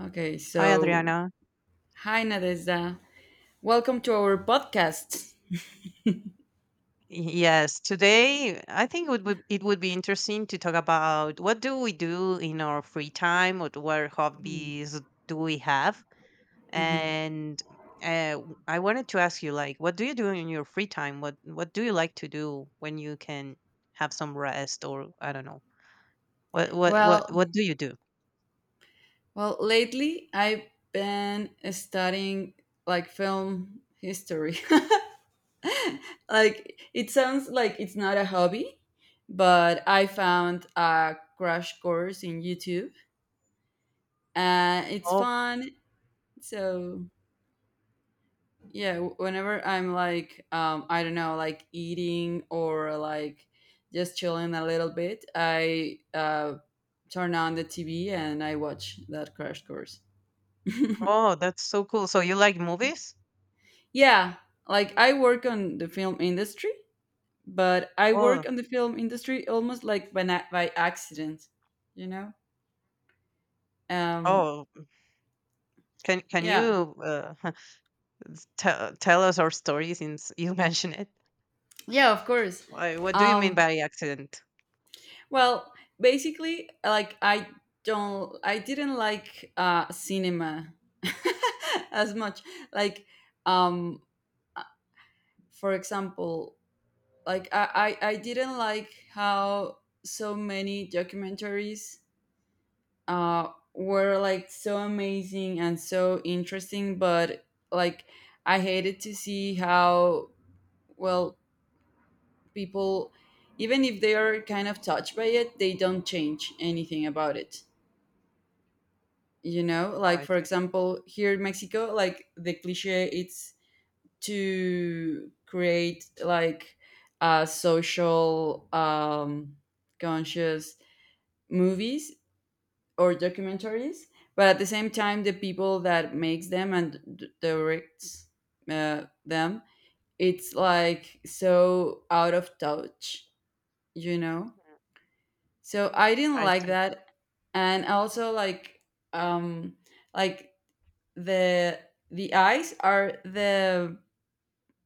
Okay, Hi, so Adriana. hi Nadezda. Welcome to our podcast. Yes, today I think it would be interesting to talk about what do we do in our free time, what hobbies do we have, Mhm. and I wanted to ask you, like, what do you do in your free time? What do you like to do when you can have some rest, or I don't know, what what what Well, what do you do? well, lately I've been studying like film history. Like it sounds like it's not a hobby, but I found a crash course in YouTube and it's Oh, fun. So yeah, whenever I'm like, I don't know, like eating or like just chilling a little bit, I turn on the TV and I watch that crash course. oh, that's so cool. So you like movies? Yeah, like I work on the film industry, but I work Oh, on the film industry almost like by accident, you know? Um, oh, can yeah, you? Tell, us our story since you mentioned it. yeah, of course. What do you mean Um, by accident? Well, basically, like I don't, I didn't like cinema as much. Like, um, uh, for example, like I didn't like how so many documentaries were like so amazing and so interesting, but like I hated to see how, well, people, even if they are kind of touched by it, they don't change anything about it, you know? Oh, Like I for see. example, here in Mexico, like the cliche, it's to create like social, conscious movies or documentaries, but at the same time the people that makes them and directs them, it's like so out of touch, you know. So I didn't I like see. that. And also like, um like the eyes are the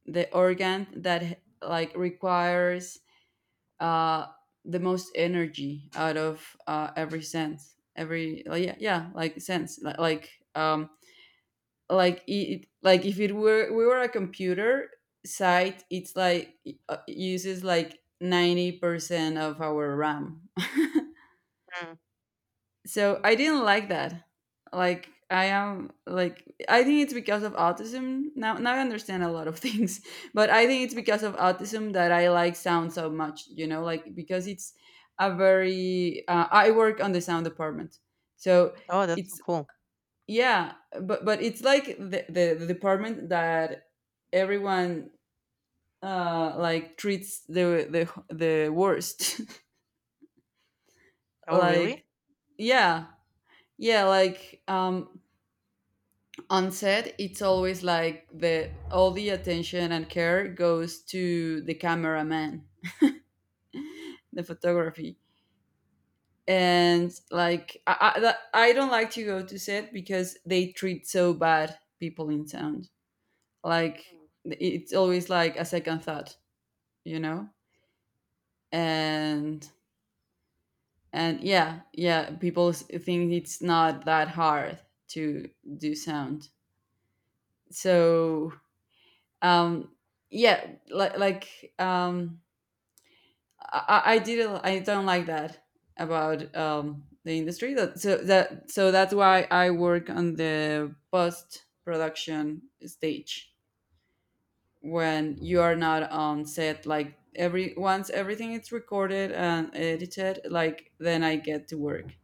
organ that like requires uh the most energy out of every sense, every like sense, like it, like if it were, we were a computer site, it's like uses like 90% of our RAM. Mm. So I didn't like that. Like I am like, I think it's because of autism. Now I understand a lot of things, but I think it's because of autism that I like sound so much, you know, like because it's a very I work on the sound department. So Oh, that's so it's, cool. yeah, but it's like the department that everyone like treats the worst. Oh, Like, really? yeah, yeah, like, on set, it's always like the all the attention and care goes to the cameraman, the photography. And I don't like to go to set because they treat so bad people in sound, like it's always like a second thought, you know. And yeah, yeah, people think it's not that hard to do sound. So um yeah, like I didn't, I don't like that about the industry. That's why I work on the post production stage, when you are not on set. Like every once everything is recorded and edited, like then I get to work.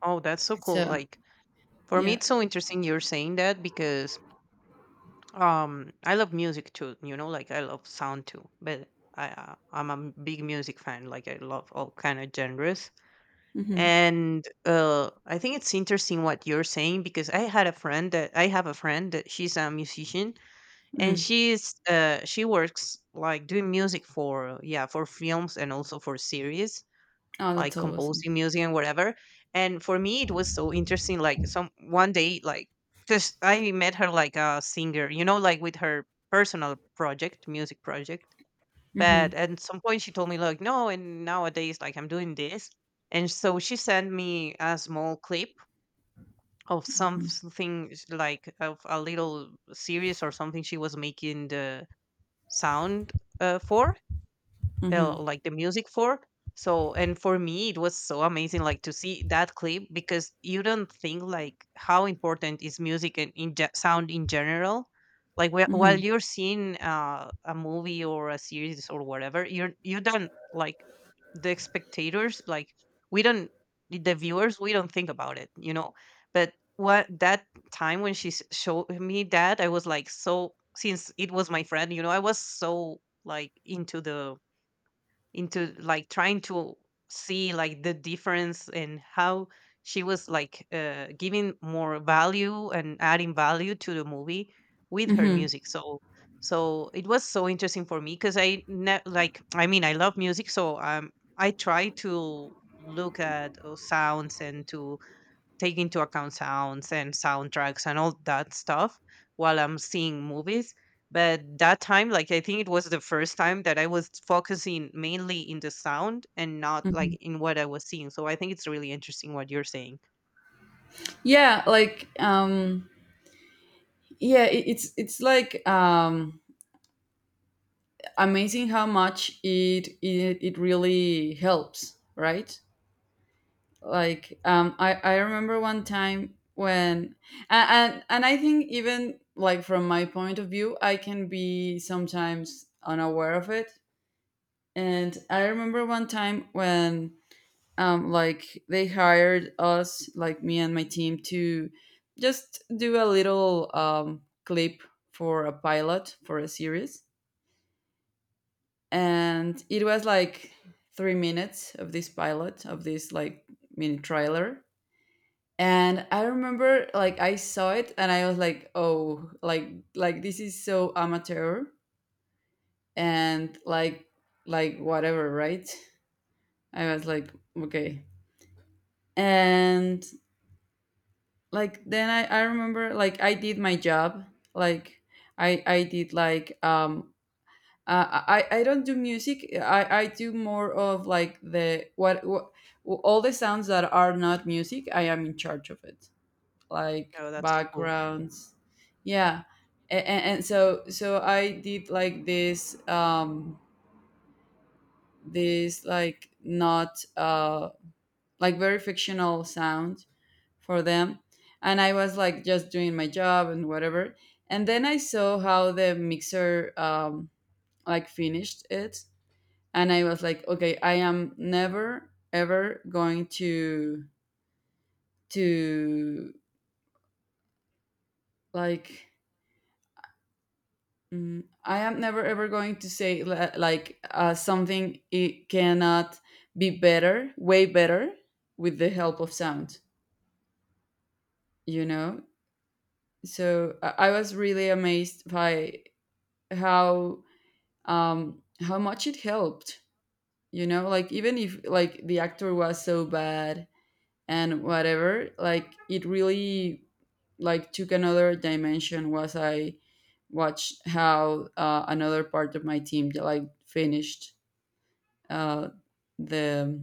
Oh, that's so cool. So Like, for me, yeah. it's so interesting you're saying that, because I love music too. You know, like, I love sound too. But I'm a big music fan. Like, I love all kind of genres. Hmm. And I think it's interesting what you're saying, because I have a friend that she's a musician, and Mm. She works like doing music for, yeah, for films and also for series, Oh, that's like composing awesome. music and whatever. And for me it was so interesting, like, some one day, like, because I met her like a singer, like, with her personal project, music project. But Hmm. at some point she told me, like, no, and nowadays, like, I'm doing this. And so she sent me a small clip of something, like, of a little series or something she was making the sound for, Hmm. Like, the music for. So, and for me it was so amazing, like, to see that clip, because you don't think, like, how important is music and in sound in general. Like, while Hmm. you're seeing a movie or a series or whatever, you don't, like, the spectators, like, we don't, the viewers, we don't think about it. But what that time when she showed me that, I was like so, since it was my friend, I was so like into the into like trying to see, like, the difference and how she was like giving more value and adding value to the movie with her Hmm. music. So, so it was so interesting for me because I like, I mean, I love music, so I try to look at sounds and to take into account sounds and soundtracks and all that stuff while I'm seeing movies. But that time, like, I think it was the first time that I was focusing mainly in the sound and not Hmm. like in what I was seeing. So I think it's really interesting what you're saying. Yeah, like, yeah, it's like amazing how much it really helps, right? Like, I remember one time when, and I think even like from my point of view I can be sometimes unaware of it. And I remember one time when, like they hired us, like me and my team, to just do a little clip for a pilot for a series. And it was like 3 minutes of this pilot, of this like mini trailer. And I remember like I saw it, and I was like, oh, like this is so amateur. And like whatever, right? I was like, okay. And like then I remember like I did my job. Like I did like I don't do music. I do more of like the what all the sounds that are not music. I am in charge of it, like No, that's so cool. backgrounds. Yeah, and so so I did like this this like not like very fictional sound for them, and I was like just doing my job and whatever. And then I saw how the mixer like finished it, and I was like, okay, I am never ever going to like, mm, I am never ever going to say something — it cannot be better, way better, with the help of sound, you know. So I was really amazed by how, how much it helped, you know, like even if like the actor was so bad and whatever, like it really like took another dimension was I watched how, another part of my team like finished uh, the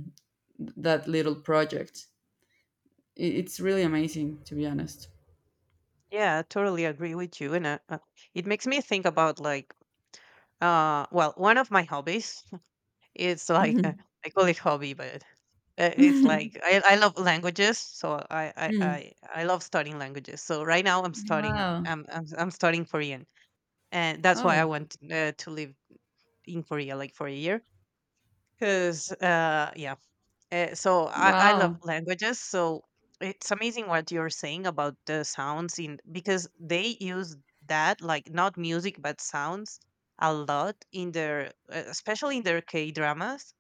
that little project. It's really amazing, to be honest. Yeah, I totally agree with you. And it makes me think about, like, well, one of my hobbies. It's like, Mhm. I call it hobby, but it's like, I love languages, so I Mm. I I love studying languages. So right now I'm studying Wow. I'm I'm, I'm studying Korean, and that's why I Oh, want to live in Korea like for a year. Because, yeah, so I love wow. languages. So it's amazing what you're saying about the sounds, in because they use that, like, not music but sounds a lot in their especially in their K dramas,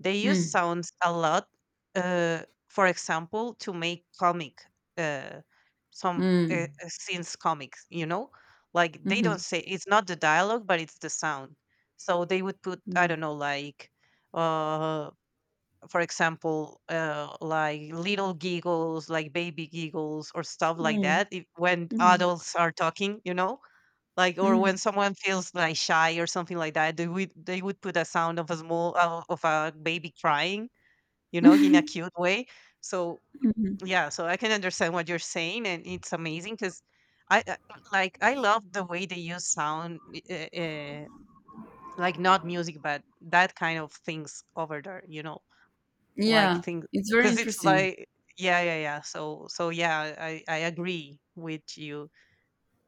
they use Mm. sounds a lot, uh, for example, to make comic, uh, some Mm. Scenes comics. You know, like, they don't Mhm. say, it's not the dialogue, but it's the sound. So they would put, I Mm. don't know, like, uh, for example, like little giggles, like baby giggles or stuff like Mm. that, if, when Mhm. adults are talking, you know. Like or when Mm. someone feels like shy or something like that, they would put a sound of a small of a baby crying you know, in a cute way. So Mhm. yeah, so I can understand what you're saying, and it's amazing because I like I love the way they use sound, uh, like not music, but that kind of things over there. You know, like Yeah, things it's very because it's interesting. like yeah, yeah, yeah. So so yeah, I agree with you.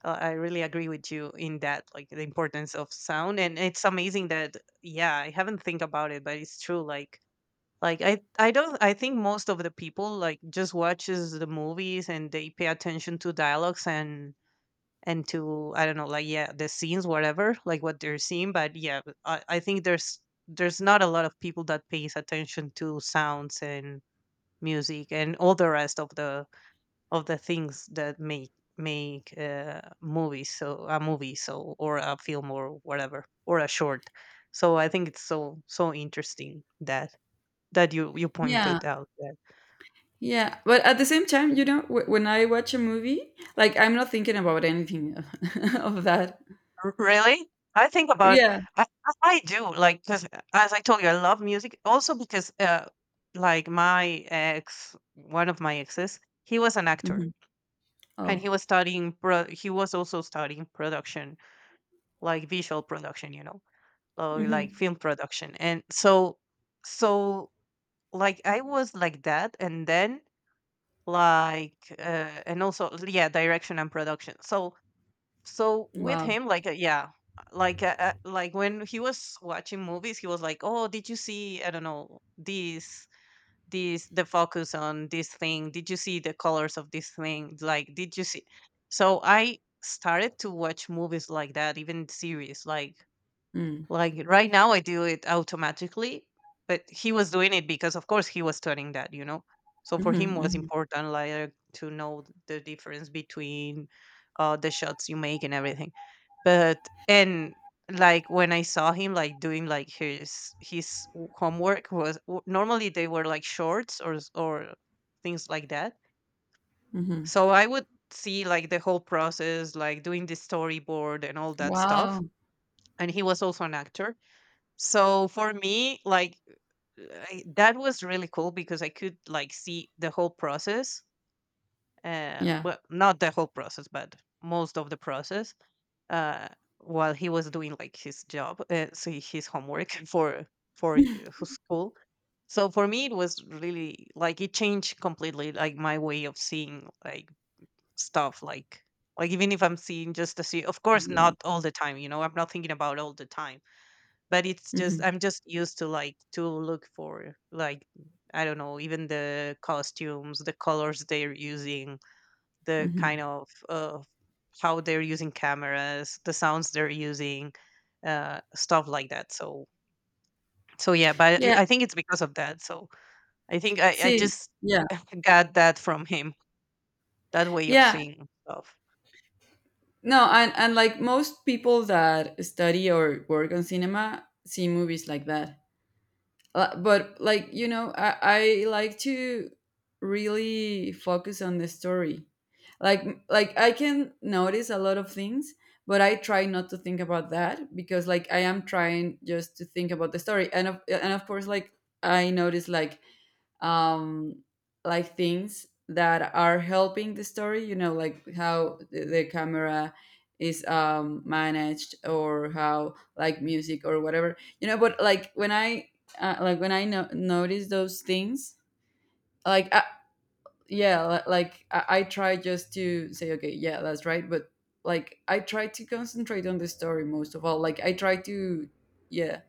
I really agree with you in that, like the importance of sound, and it's amazing that yeah, I haven't think about it, but it's true. Like I don't I think most of the people like just watches the movies and they pay attention to dialogues and to I don't know like yeah the scenes whatever like what they're seeing but yeah but I think there's not a lot of people that pays attention to sounds and music and all the rest of the things that make make movies so a movie so or a film or whatever or a short so I think it's so so interesting that that you Yeah. pointed out there. Yeah, but at the same time, you know, when I watch a movie, like I'm not thinking about anything of that. R- Really? I think about Yeah. I do like because as I told you, I love music also because like my ex, one of my exes, he was an actor Hmm. and Oh. he was studying pro- he was also studying production, like visual production, you know, or like Hmm. film production. And so so like I was like that and then like and also yeah, direction and production. So so with Wow. him like yeah like when he was watching movies he was like oh did you see I don't know this this the focus on this thing did you see the colors of this thing like did you see so I started to watch movies like that even series Mm. like right now, I do it automatically, but he was doing it because, of course, he was studying that, you know. So for Hmm. him, was Hmm. important like to know th- the difference between the shots you make and everything. But and like when I saw him like doing like his w- homework was w- normally they were like shorts or s- or things like that. Hmm. So I would see like the whole process, like doing the storyboard and all that stuff. Wow. And he was also an actor so for me like I, that was really cool because I could like see the whole process. Yeah. Well, not the whole process, but most of the process. Uh, while he was doing like his job, so his homework for his school. So for me, it was really like it changed completely, like my way of seeing like stuff, like even if I'm seeing just the sea, of course, Yeah. not all the time. You know, I'm not thinking about all the time but it's Hmm. just I'm just used to like to look for like I don't know even the costumes the colors they're using the kind Hmm. of how they're using cameras the sounds they're using stuff like that so so yeah but Yeah. I think it's because of that so I think I See. just Yeah. got that from him that way of Yeah. seeing stuff No, and like most people that study or work on cinema see movies like that. But like, you know, I like to really focus on the story. Like I can notice a lot of things, but I try not to think about that because like I am trying just to think about the story. And of, and of course like I notice like, um, like things that are helping the story, you know, like how the camera is managed, or how like music, or whatever, you know. But like when I like when I notice those things, like I, yeah, I try just to say, okay, yeah, that's right. But like I try to concentrate on the story most of all. Like I try to, yeah,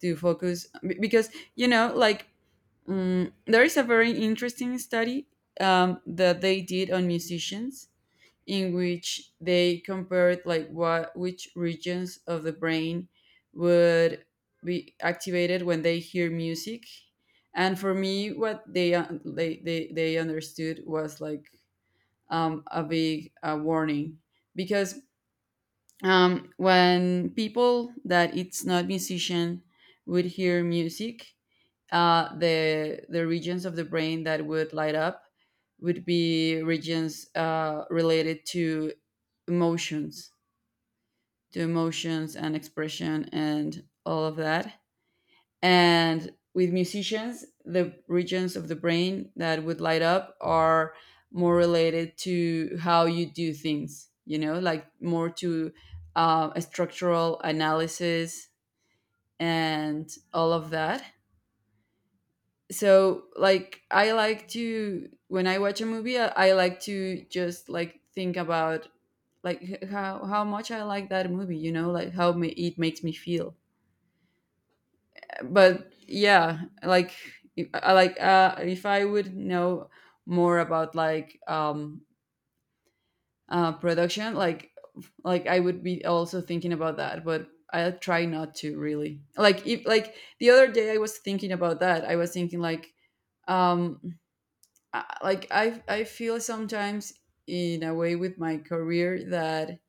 to focus, because you know like, mm, there is a very interesting study that they did on musicians, in which they compared like what, which regions of the brain would be activated when they hear music. And for me, what they understood was like, a big warning, because when people that it's not musician would hear music, the regions of the brain that would light up would be regions related emotions, to emotions and expression and all of that. And with musicians, the regions of the brain that would light up are more related to how you do things, you know, like more to a structural analysis and all of that. So like I like to, when I watch a movie, I like to just like think about like how much I like that movie, you know, like how it makes me feel. But yeah, like I like, if I would know more about like production like I would be also thinking about that. But I try not to. Really, like if, like the other day I was thinking about that, I was thinking like, um like I feel sometimes in a way with my career that,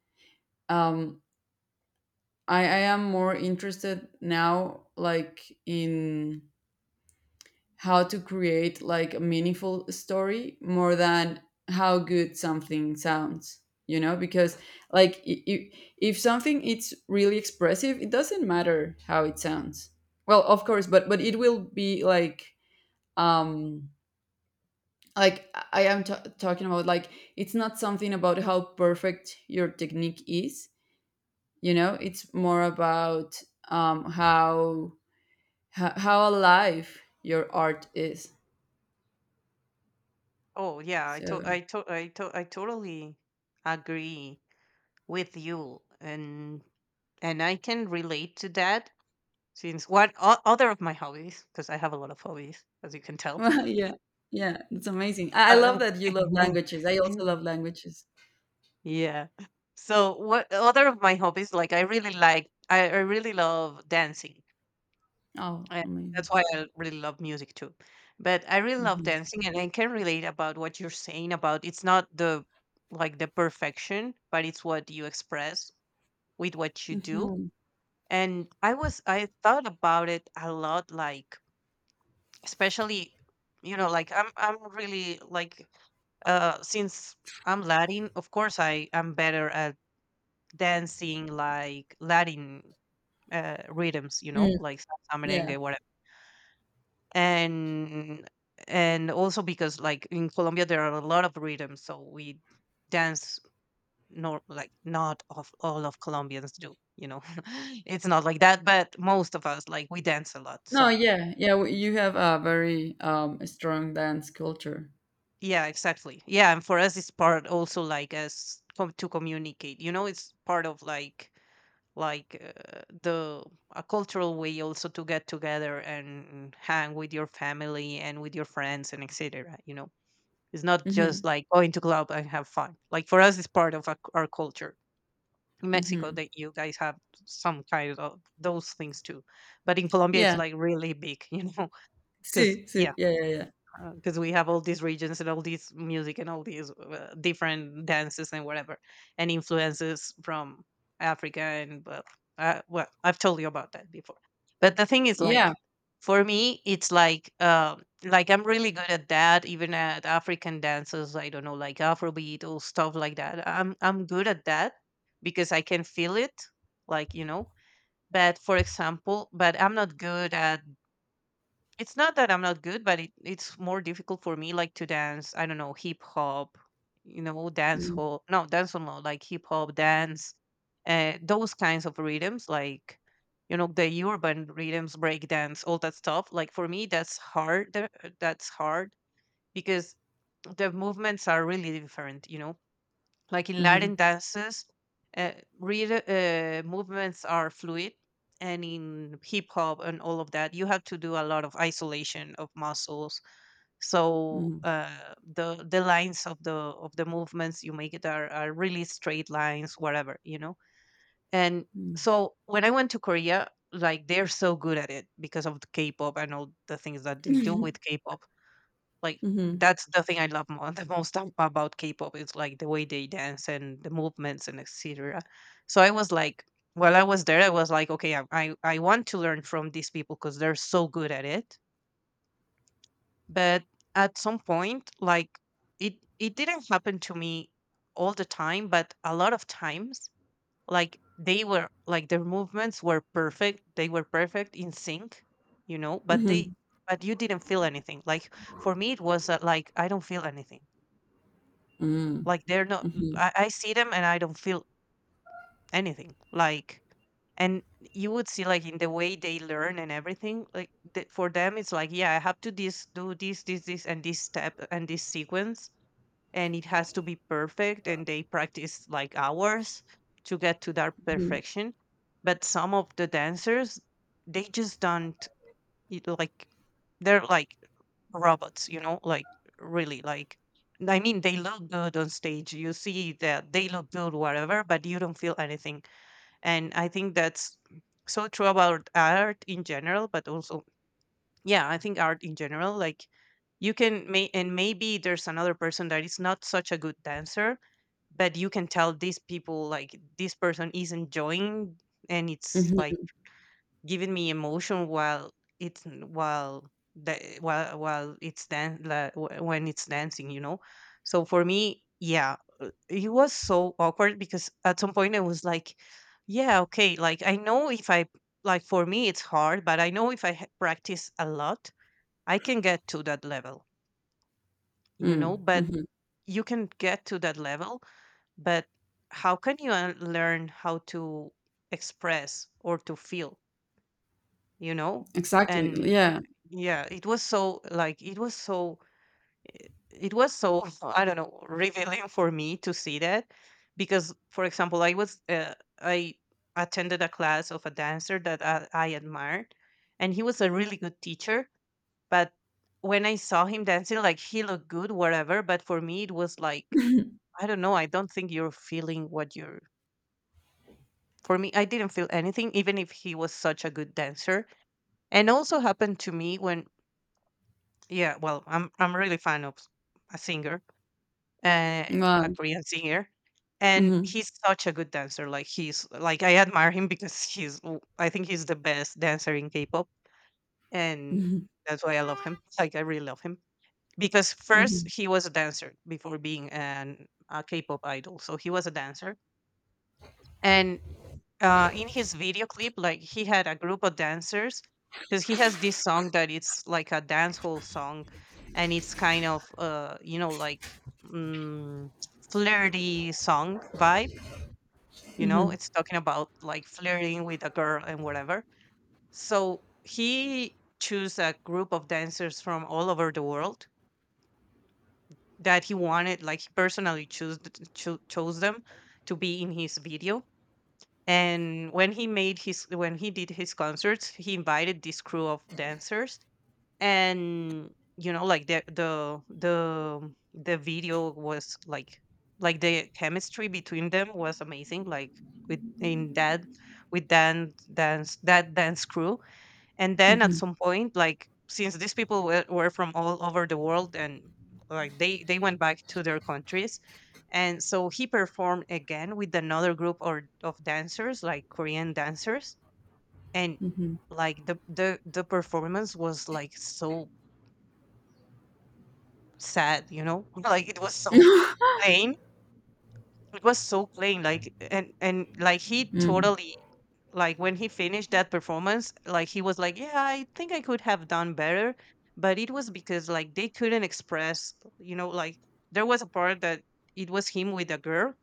um, I am more interested now like in how to create like a meaningful story, more than how good something sounds, you know. Because like if something it's really expressive, it doesn't matter how it sounds. Well, of course, but it will be like, um like I am talking about like, it's not something about how perfect your technique is, you know, it's more about, how how alive your art is. oh yeah I to- So I to- I to- I totally agree with you and I can relate to that since what o- other of my hobbies because I have a lot of hobbies as you can tell. well, Mm. yeah, yeah, it's amazing. I love Uh, that you love languages. I also love languages. yeah. So what other of my hobbies like I really love dancing. Oh, And amazing. that's why I really love music too. But I really love Hmm. dancing and I can relate about what you're saying about it's not the like the perfection, but it's what you express with what you do And I was I thought about it a lot, like especially, you know, like I'm really like since I'm Latin, of course I am better at dancing like Latin rhythms, you know, Mm, like salsa, yeah. merengue, whatever. And and also because like in Colombia there are a lot of rhythms, so we dance nor like not of all of Colombians do, you know. it's not like that, but most of us like we dance a lot. No, So yeah, yeah, you have a very strong dance culture. Yeah, exactly. Yeah, and for us, it's part also like as com- to communicate. You know, it's part of like the a cultural way also to get together and hang with your family and with your friends and etc. You know, it's not just Mm-hmm. like going to club and have fun. Like for us, it's part of our culture. In Mexico, Mm-hmm. that you guys have some kind of those things too, but in Colombia, it's Yeah, like really big. You know, because see, yeah, see, yeah, yeah, yeah, because we have all these regions and all these music and all these different dances and whatever and influences from Africa and well, I've told you about that before, but the thing is yeah. like for me it's like I'm really good at that, even at African dances. I don't know, like Afrobeat or stuff like that, I'm good at that because I can feel it, like, you know. But for example, but I'm not good at, it's not that I'm not good, but it's more difficult for me, like to dance. I don't know, hip hop, you know, dance Mm-hmm. hall. No, dance hall, no, like hip hop, dance, those kinds of rhythms, like you know, the urban rhythms, break dance, all that stuff. Like for me, that's hard. That's hard because the movements are really different. You know, like in Mhm, Latin dances, uh, rhythm, movements are fluid, and in hip hop and all of that, you have to do a lot of isolation of muscles. So mhm, the lines of the movements you make it are really straight lines, whatever, you know. And mm. so when I went to Korea, like they're so good at it because of the K-pop and all the things that they do with K-pop, like, Mhm, that's the thing I love mo the most ab about K-pop is, like, the way they dance and the movements and etcetera. So I was like, while I was there, I was like, "Okay, I want to learn from these people because 'cause they're so good at it." But at some point, like, it didn't happen to me all the time, but a lot of times, like, they were like, their movements were perfect, they were perfect, in sync, you know, but mhm, they, but you didn't feel anything. Like, for me, it was, like, I don't feel anything. mm, Like, they're not, mhm, I see them and I don't feel anything, like, and you would see, like, in the way they learn and everything, like, the for them, it's like, "Yeah, I have to this do this, this, this, and this step and this sequence, and it has to be perfect," and they practice, like, hours to get to that mhm, perfection. But some of the dancers, they just don't, like they're like robots, you know, like really, like, I mean they look good on stage, you see that they look good whatever, but you don't feel anything. And I think that's so true about art in general, but also, yeah, I think art in general, like, you can may and maybe there's another person that is not such a good dancer, but you can tell these people, like, this person is enjoying and it's mhm, like giving me emotion while, it's while, the while it's like, when it's dancing, you know. So for me, yeah, it was so awkward because at some point I was like, yeah, okay, like I know if I, like for me it's hard, but I know if I practice a lot I can get to that level, you mm, know. But mhm. you can get to that level, but how can you learn how to express or to feel, you know. Exactly, And yeah. yeah, it was so like, it was so, it was so I don't know, revealing for me to see that. Because for example I was I attended a class of a dancer that I admired, and he was a really good teacher. But when I saw him dancing, like he looked good whatever, but for me it was like, I don't know, I don't think you're feeling what you're, for me I didn't feel anything even if he was such a good dancer. And also happened to me when, yeah, well, I'm really fan of a singer, uh, a Wow. Korean singer, and Mhm, he's such a good dancer. Like he's like, I admire him because he's I think he's the best dancer in K-pop, and mhm, that's why I love him. Like I really love him because first mhm, he was a dancer before being an a K-pop idol, so he was a dancer, and in his video clip, like he had a group of dancers because he has this song that it's like a dance hall song, and it's kind of you know, like, mm, flirty song vibe. You know, mhm, it's talking about like flirting with a girl and whatever. So he chose a group of dancers from all over the world that he wanted, like he personally chose, chose them to be in his video. And when he made his, when he did his concerts, he invited this crew of dancers. And you know, like the video was like the chemistry between them was amazing, like with in that, with dance that dance crew. And then at some point, like, since these people were from all over the world and like they went back to their countries, and so he performed again with another group or of dancers, like Korean dancers. And mhm. like the performance was like so sad, you know, like it was so plain, it was so plain, like. And like he Mm, totally, like when he finished that performance, like he was like, yeah, I think I could have done better. But it was because like they couldn't express, you know, like there was a part that it was him with a girl,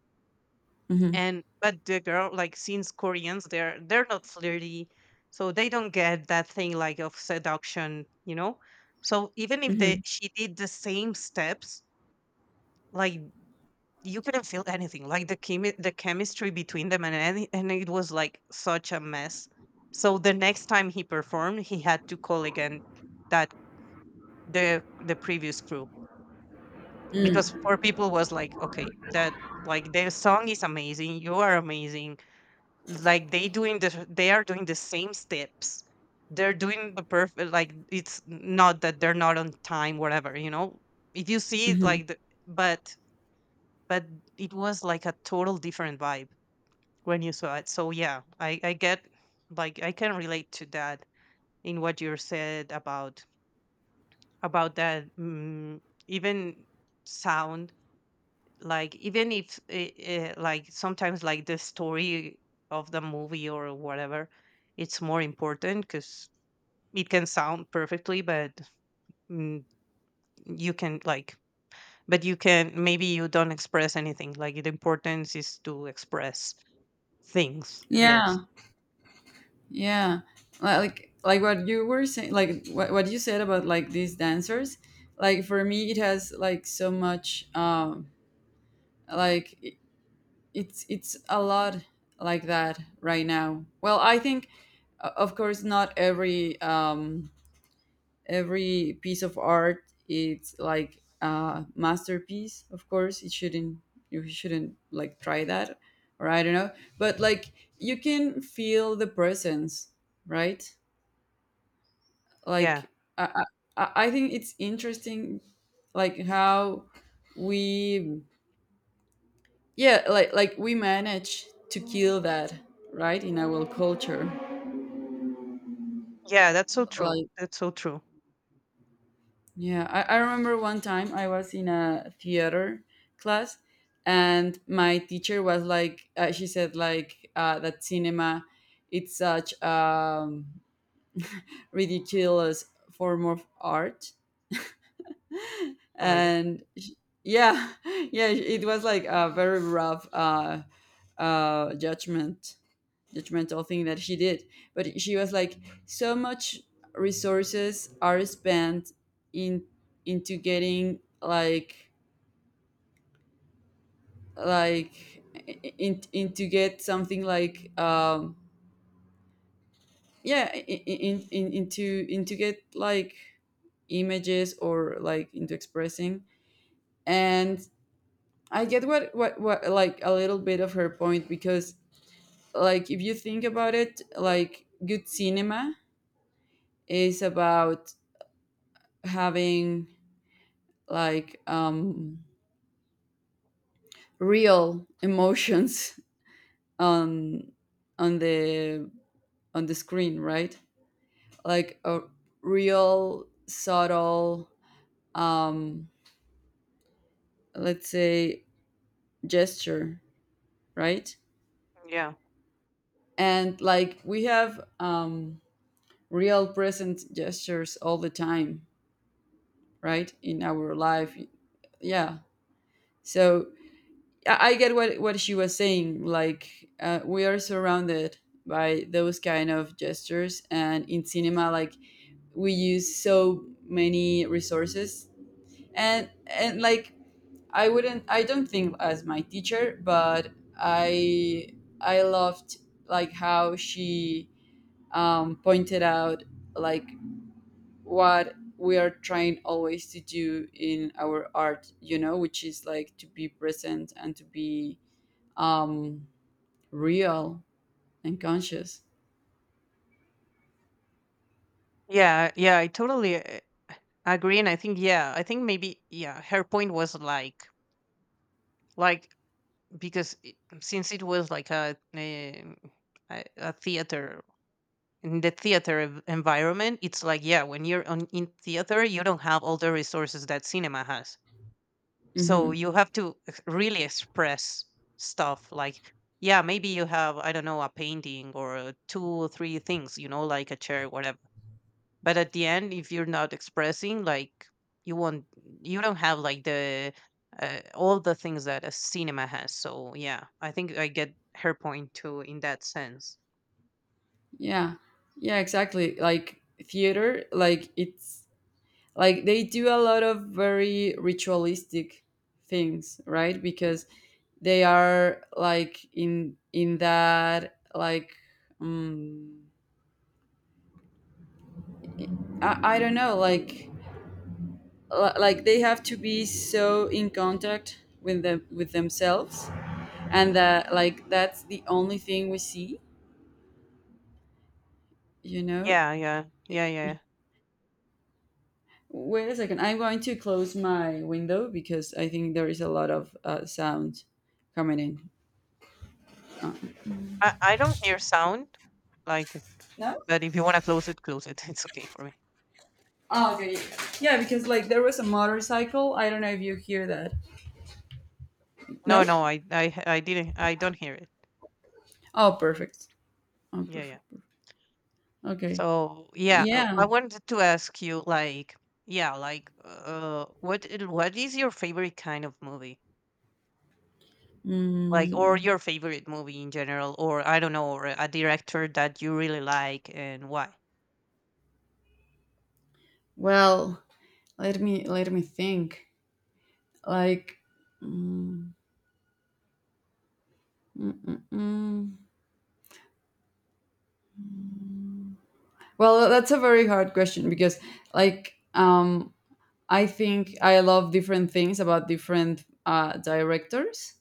mhm, and but the girl, like since Koreans, they're not flirty, so they don't get that thing like of seduction, you know. So even if they, mhm, she did the same steps, like, you couldn't feel anything. Like the the chemistry between them and and it was like such a mess. So the next time he performed, he had to call again that the previous crew, because mm, for people was like, okay, that, like their song is amazing, you are amazing. Like they doing the they are doing the same steps. They're doing the perfect, like it's not that they're not on time, whatever, you know. If you see it mhm. like the, but but it was like a total different vibe, when you saw it. So yeah, I get, like I can relate to that in what you said about that, mm, even sound, like even if like sometimes like the story of the movie or whatever, it's more important because it can sound perfectly but, mm, you can like, but you can, maybe you don't express anything, like the importance is to express things, Yeah, yes, yeah. Like what you were saying, like what you said about like these dancers, like for me it has like so much. like it's a lot like that right now. Well, I think, of course not every every piece of art it's like a masterpiece. Of course it shouldn't, you shouldn't like try that, or I don't know, but like you can feel the presence, right? yeah. Like i i, I think it's interesting, like how we, yeah, like we manage to kill that, right, in our culture. Yeah, that's so true. Like That's so true. yeah, I remember one time I was in a theater class, and my teacher was like, she said like, that cinema it's such ridiculous form of art. Oh my god. and sh- yeah. Yeah, it was like a very rough judgment, judgmental thing that she did. But she was like, so much resources are spent in, into getting like in to get something like, yeah, in into get like images, or like into expressing. And I get what like a little bit of her point, because like if you think about it, like good cinema is about having like, real emotions on on the on the screen, right? Like a real subtle, um, let's say, gesture, right? Yeah. And like we have, real present gestures all the time, right, in our life. Yeah. So I get what she was saying. Like, we are surrounded by those kind of gestures, and in cinema, like we use so many resources, and like I don't think as my teacher, but I I loved like how she, pointed out like what we are trying always to do in our art, you know, which is like to be present and to be, um real and conscious. Yeah, yeah, I totally agree. And I think, yeah, I think maybe, yeah, her point was like because it, since it was like a theater, in the theater environment, it's like, yeah, when you're on in theater, you don't have all the resources that cinema has. So Hmm. you have to really express stuff, like, yeah, maybe you have I don't know a painting or two or three things, you know, like a chair, whatever, but at the end if you're not expressing, like, you won't, you don't have like the, all the things that a cinema has. So yeah, I think I get her point too in that sense. Yeah, yeah, exactly. Like theater, like it's like they do a lot of very ritualistic things, right? Because they are like in that, like um, I don't know, like like they have to be so in contact with themselves, and that like that's the only thing we see, you know. Yeah, yeah, yeah, yeah. Wait a second. I'm going to close my window because I think there is a lot of sound coming in. I don't hear sound, like, No? but if you want to close it, close it. It's okay for me. Oh, okay. Yeah, yeah, because like there was a motorcycle. I don't know if you hear that. No? No, no, I didn't. I don't hear it. Oh, perfect. Oh, Yeah, yeah. perfect. Perfect. Okay. So yeah, Yeah. I wanted to ask you, like, yeah, like, what, what is your favorite kind of movie? Like or your favorite movie in general, or I don't know, or a director that you really like and why? Well, let me think. Like, mm, mm. Well, that's a very hard question, because like, I think I love different things about different directors.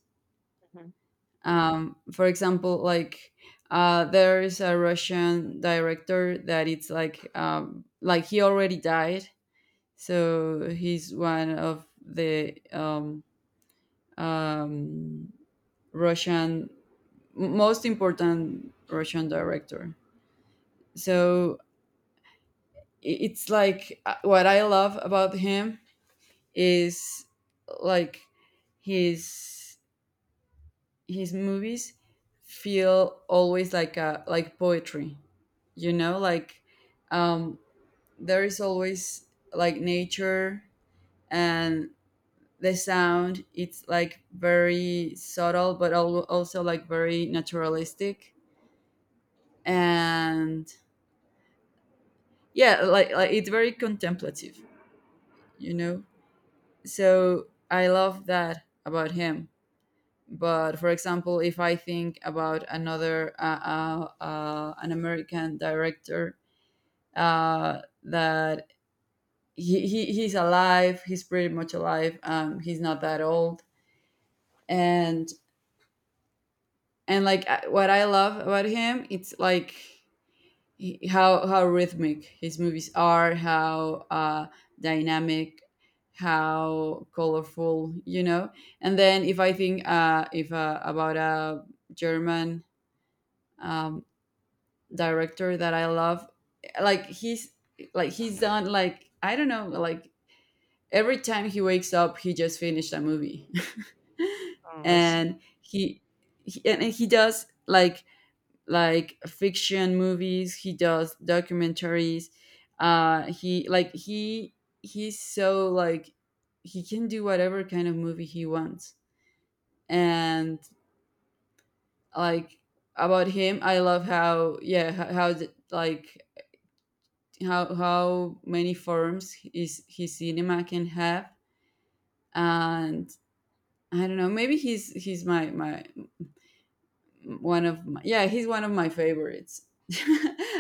Mhm. For example, like, there is a Russian director that it's like, like he already died, so he's one of the, um, Russian, most important Russian director. So it's like, what I love about him is like his movies feel always like a like poetry, you know, like, um there is always like nature, and the sound it's like very subtle but also like very naturalistic. And yeah, like it's very contemplative, you know. So I love that about him. But for example, if I think about another an American director, that he's alive, he's pretty much alive, he's not that old. And like what I love about him it's like how rhythmic his movies are, how dynamic, how colorful, you know. And then if I think, if about a German, um, director that I love. Like he's, like he's done like I don't know, like every time he wakes up he just finished a movie. Oh, I see. and he, he and he does like fiction movies, he does documentaries, uh he like he he's so like he can do whatever kind of movie he wants. And like about him I love how, yeah, how the- like how many forms his cinema can have. And I don't know, maybe he's my one of my, yeah, he's one of my favorites.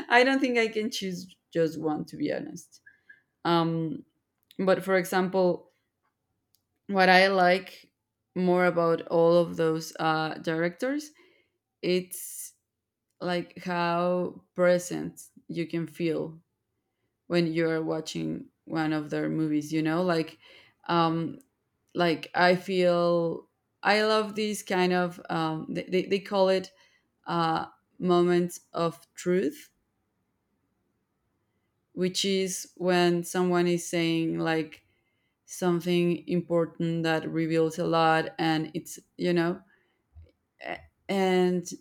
I don't think I can choose just one, to be honest. um but for example, what I like more about all of those directors it's like how present you can feel when you're watching one of their movies, you know, like, um like I feel, I love these kind of, they call it, uh, moments of truth, which is when someone is saying like something important that reveals a lot, and it's, you know, a- and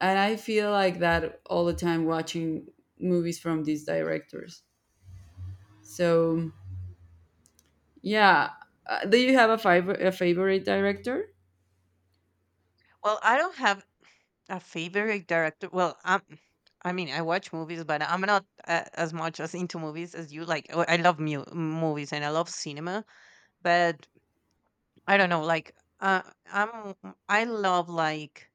I feel like that all the time watching movies from these directors. So yeah. Do you have a, a favorite director? Well, I don't have a favorite director. Well, I'm. I mean, I watch movies, but I'm not as much as into movies as you. Like, oh, I love movies and I love cinema, but I don't know. Like, I'm, I love like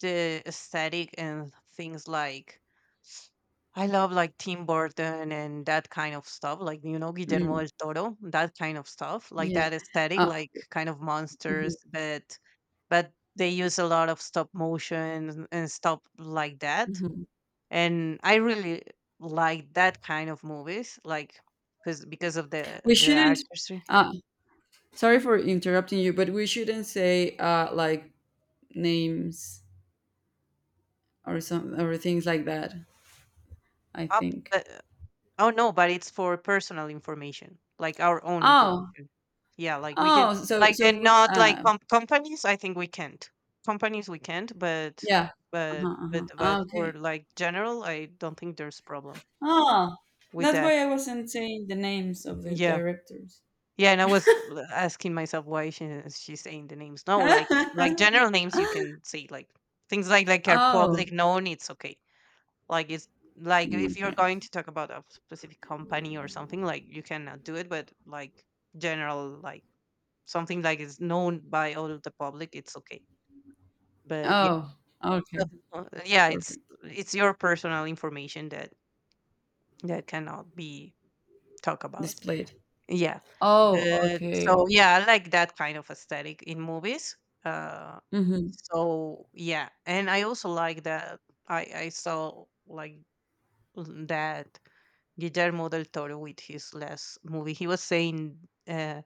the aesthetic and things like, I love like Tim Burton and that kind of stuff, like you know, Guillermo Mm, del Toro, that kind of stuff, like yeah, that aesthetic, uh, like kind of mhm, monsters, but they use a lot of stop motion and stuff like that. mhm. And I really like that kind of movies, like because of the We the shouldn't, artistry. uh, sorry for interrupting you, but we shouldn't say, like names or some or things like that, I Up, think. uh, Oh, no, but it's for personal information, like our own Oh. information. Yeah, like we can, Oh, so like, and we, not like companies. I think we can't. Companies we can't, but yeah. Uh-huh, uh-huh. Ah, for okay. like general, I don't think there's problem Oh, with that's that. why I wasn't saying the names of the Yeah, directors. yeah. And I was asking myself why she she's saying the names. No, like like general names you can say, like things like are Oh. public known. It's okay. Like it's like Mm, if you're okay. going to talk about a specific company or something, like you cannot do it, but like general, like something like is known by all of the public, it's okay. But yeah, Oh, okay. so, yeah, it's Perfect. it's your personal information that cannot be talked about. Displayed. Yeah. Oh, But okay. so yeah, I like that kind of aesthetic in movies. Uh Mm-hmm, so yeah, and I also like that I saw like that Guillermo del Toro with his last movie. He was saying uh,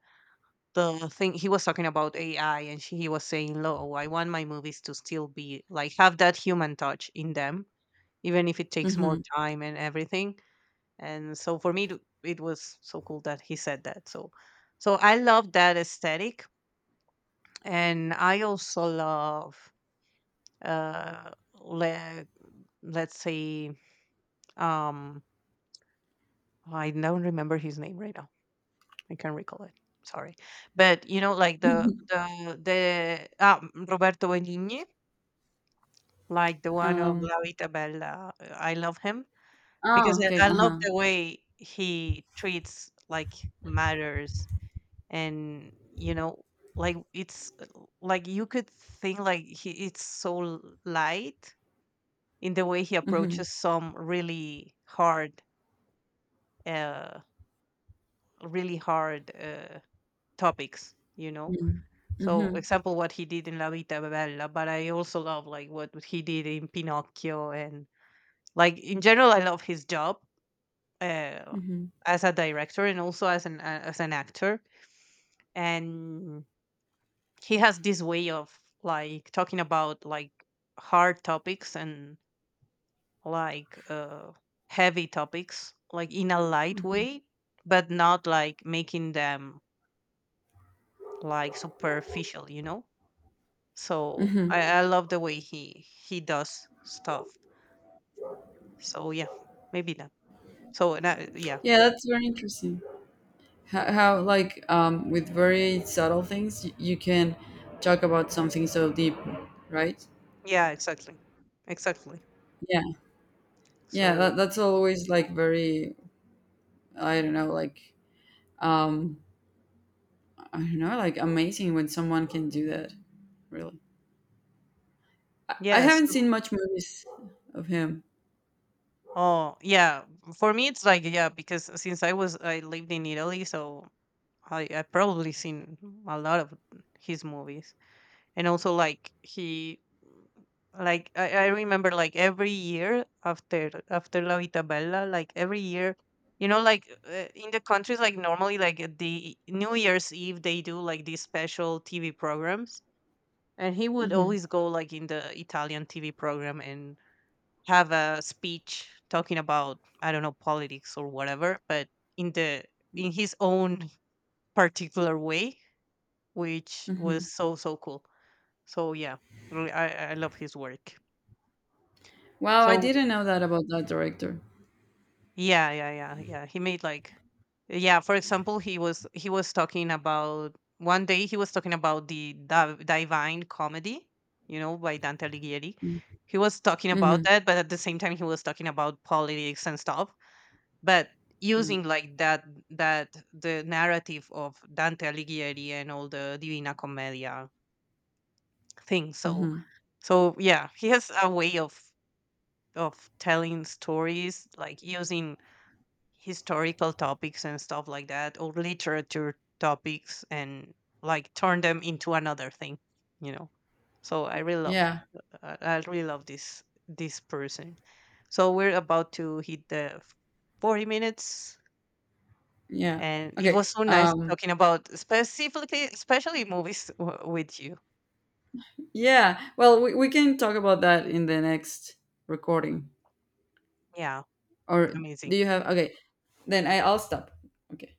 the thing, he was talking about AI, and she, he was saying, "Lo, I want my movies to still be like have that human touch in them, even if it takes more mm-hmm. time and everything." And so for me, it was so cool that he said that. So, so I love that aesthetic, and I also love uh, le- let's say um, I don't remember his name right now, I can't recall it. Sorry, but you know, like Roberto Benigni, like the one of Um. La Vita Bella. I love him because Oh, okay. I love Uh-huh. the way he treats like matters, and you know, like it's like you could think like he it's so light in the way he Mm-hmm. approaches some uh, really hard topics. You know, so, Mm-hmm. example, what he did in La Vita Bella, but I also love like what he did in Pinocchio, and like in general, I love his job, uh, Mm-hmm. as a director and also as an actor. And he has this way of like talking about like hard topics and like heavy topics, like in a light Mm-hmm. way, but not like making them like superficial, you know. So Hmm. I love the way he does stuff. So yeah, maybe that. So and I, yeah, Yeah, that's very interesting. How like, with very subtle things you, you can talk about something so deep, right? yeah, exactly, exactly. Yeah. Yeah, So that's always like very, I don't know, like, um I don't know, like amazing when someone can do that, really. I yes, haven't seen much movies of him. oh yeah. For me, it's like yeah, because since I lived in Italy, so I probably seen a lot of his movies, and also like he like I remember like every year after La Vitabella, like every year, you know, like in the countries like normally like at the New Year's Eve they do like these special TV programs, and he would Mm-hmm. always go like in the Italian TV program and have a speech talking about I don't know, politics or whatever, but in the in his own particular way, which Mm-hmm. was so so cool. So yeah, I mean, I love his work. Wow, I So didn't know that about that director. yeah, yeah, yeah, yeah. He made like yeah, for example, he was talking about one day, he was talking about the divine comedy, you know, by Dante Alighieri. Mm-hmm. He was talking about Mm-hmm. that, but at the same time he was talking about politics and stuff, but using like that the narrative of Dante Alighieri and all the Divina Commedia thing. So Mm-hmm. so yeah, he has a way of telling stories, like using historical topics and stuff like that, or literature topics, and like turn them into another thing, you know. So I really love, Yeah, I really love this person. So we're about to hit the 40 minutes, yeah. and it Okay. was so nice Um, talking about specifically, especially movies with you. yeah. Well, we can talk about that in the next recording. Yeah, Or do amazing. you have, okay, then I'll stop. Okay.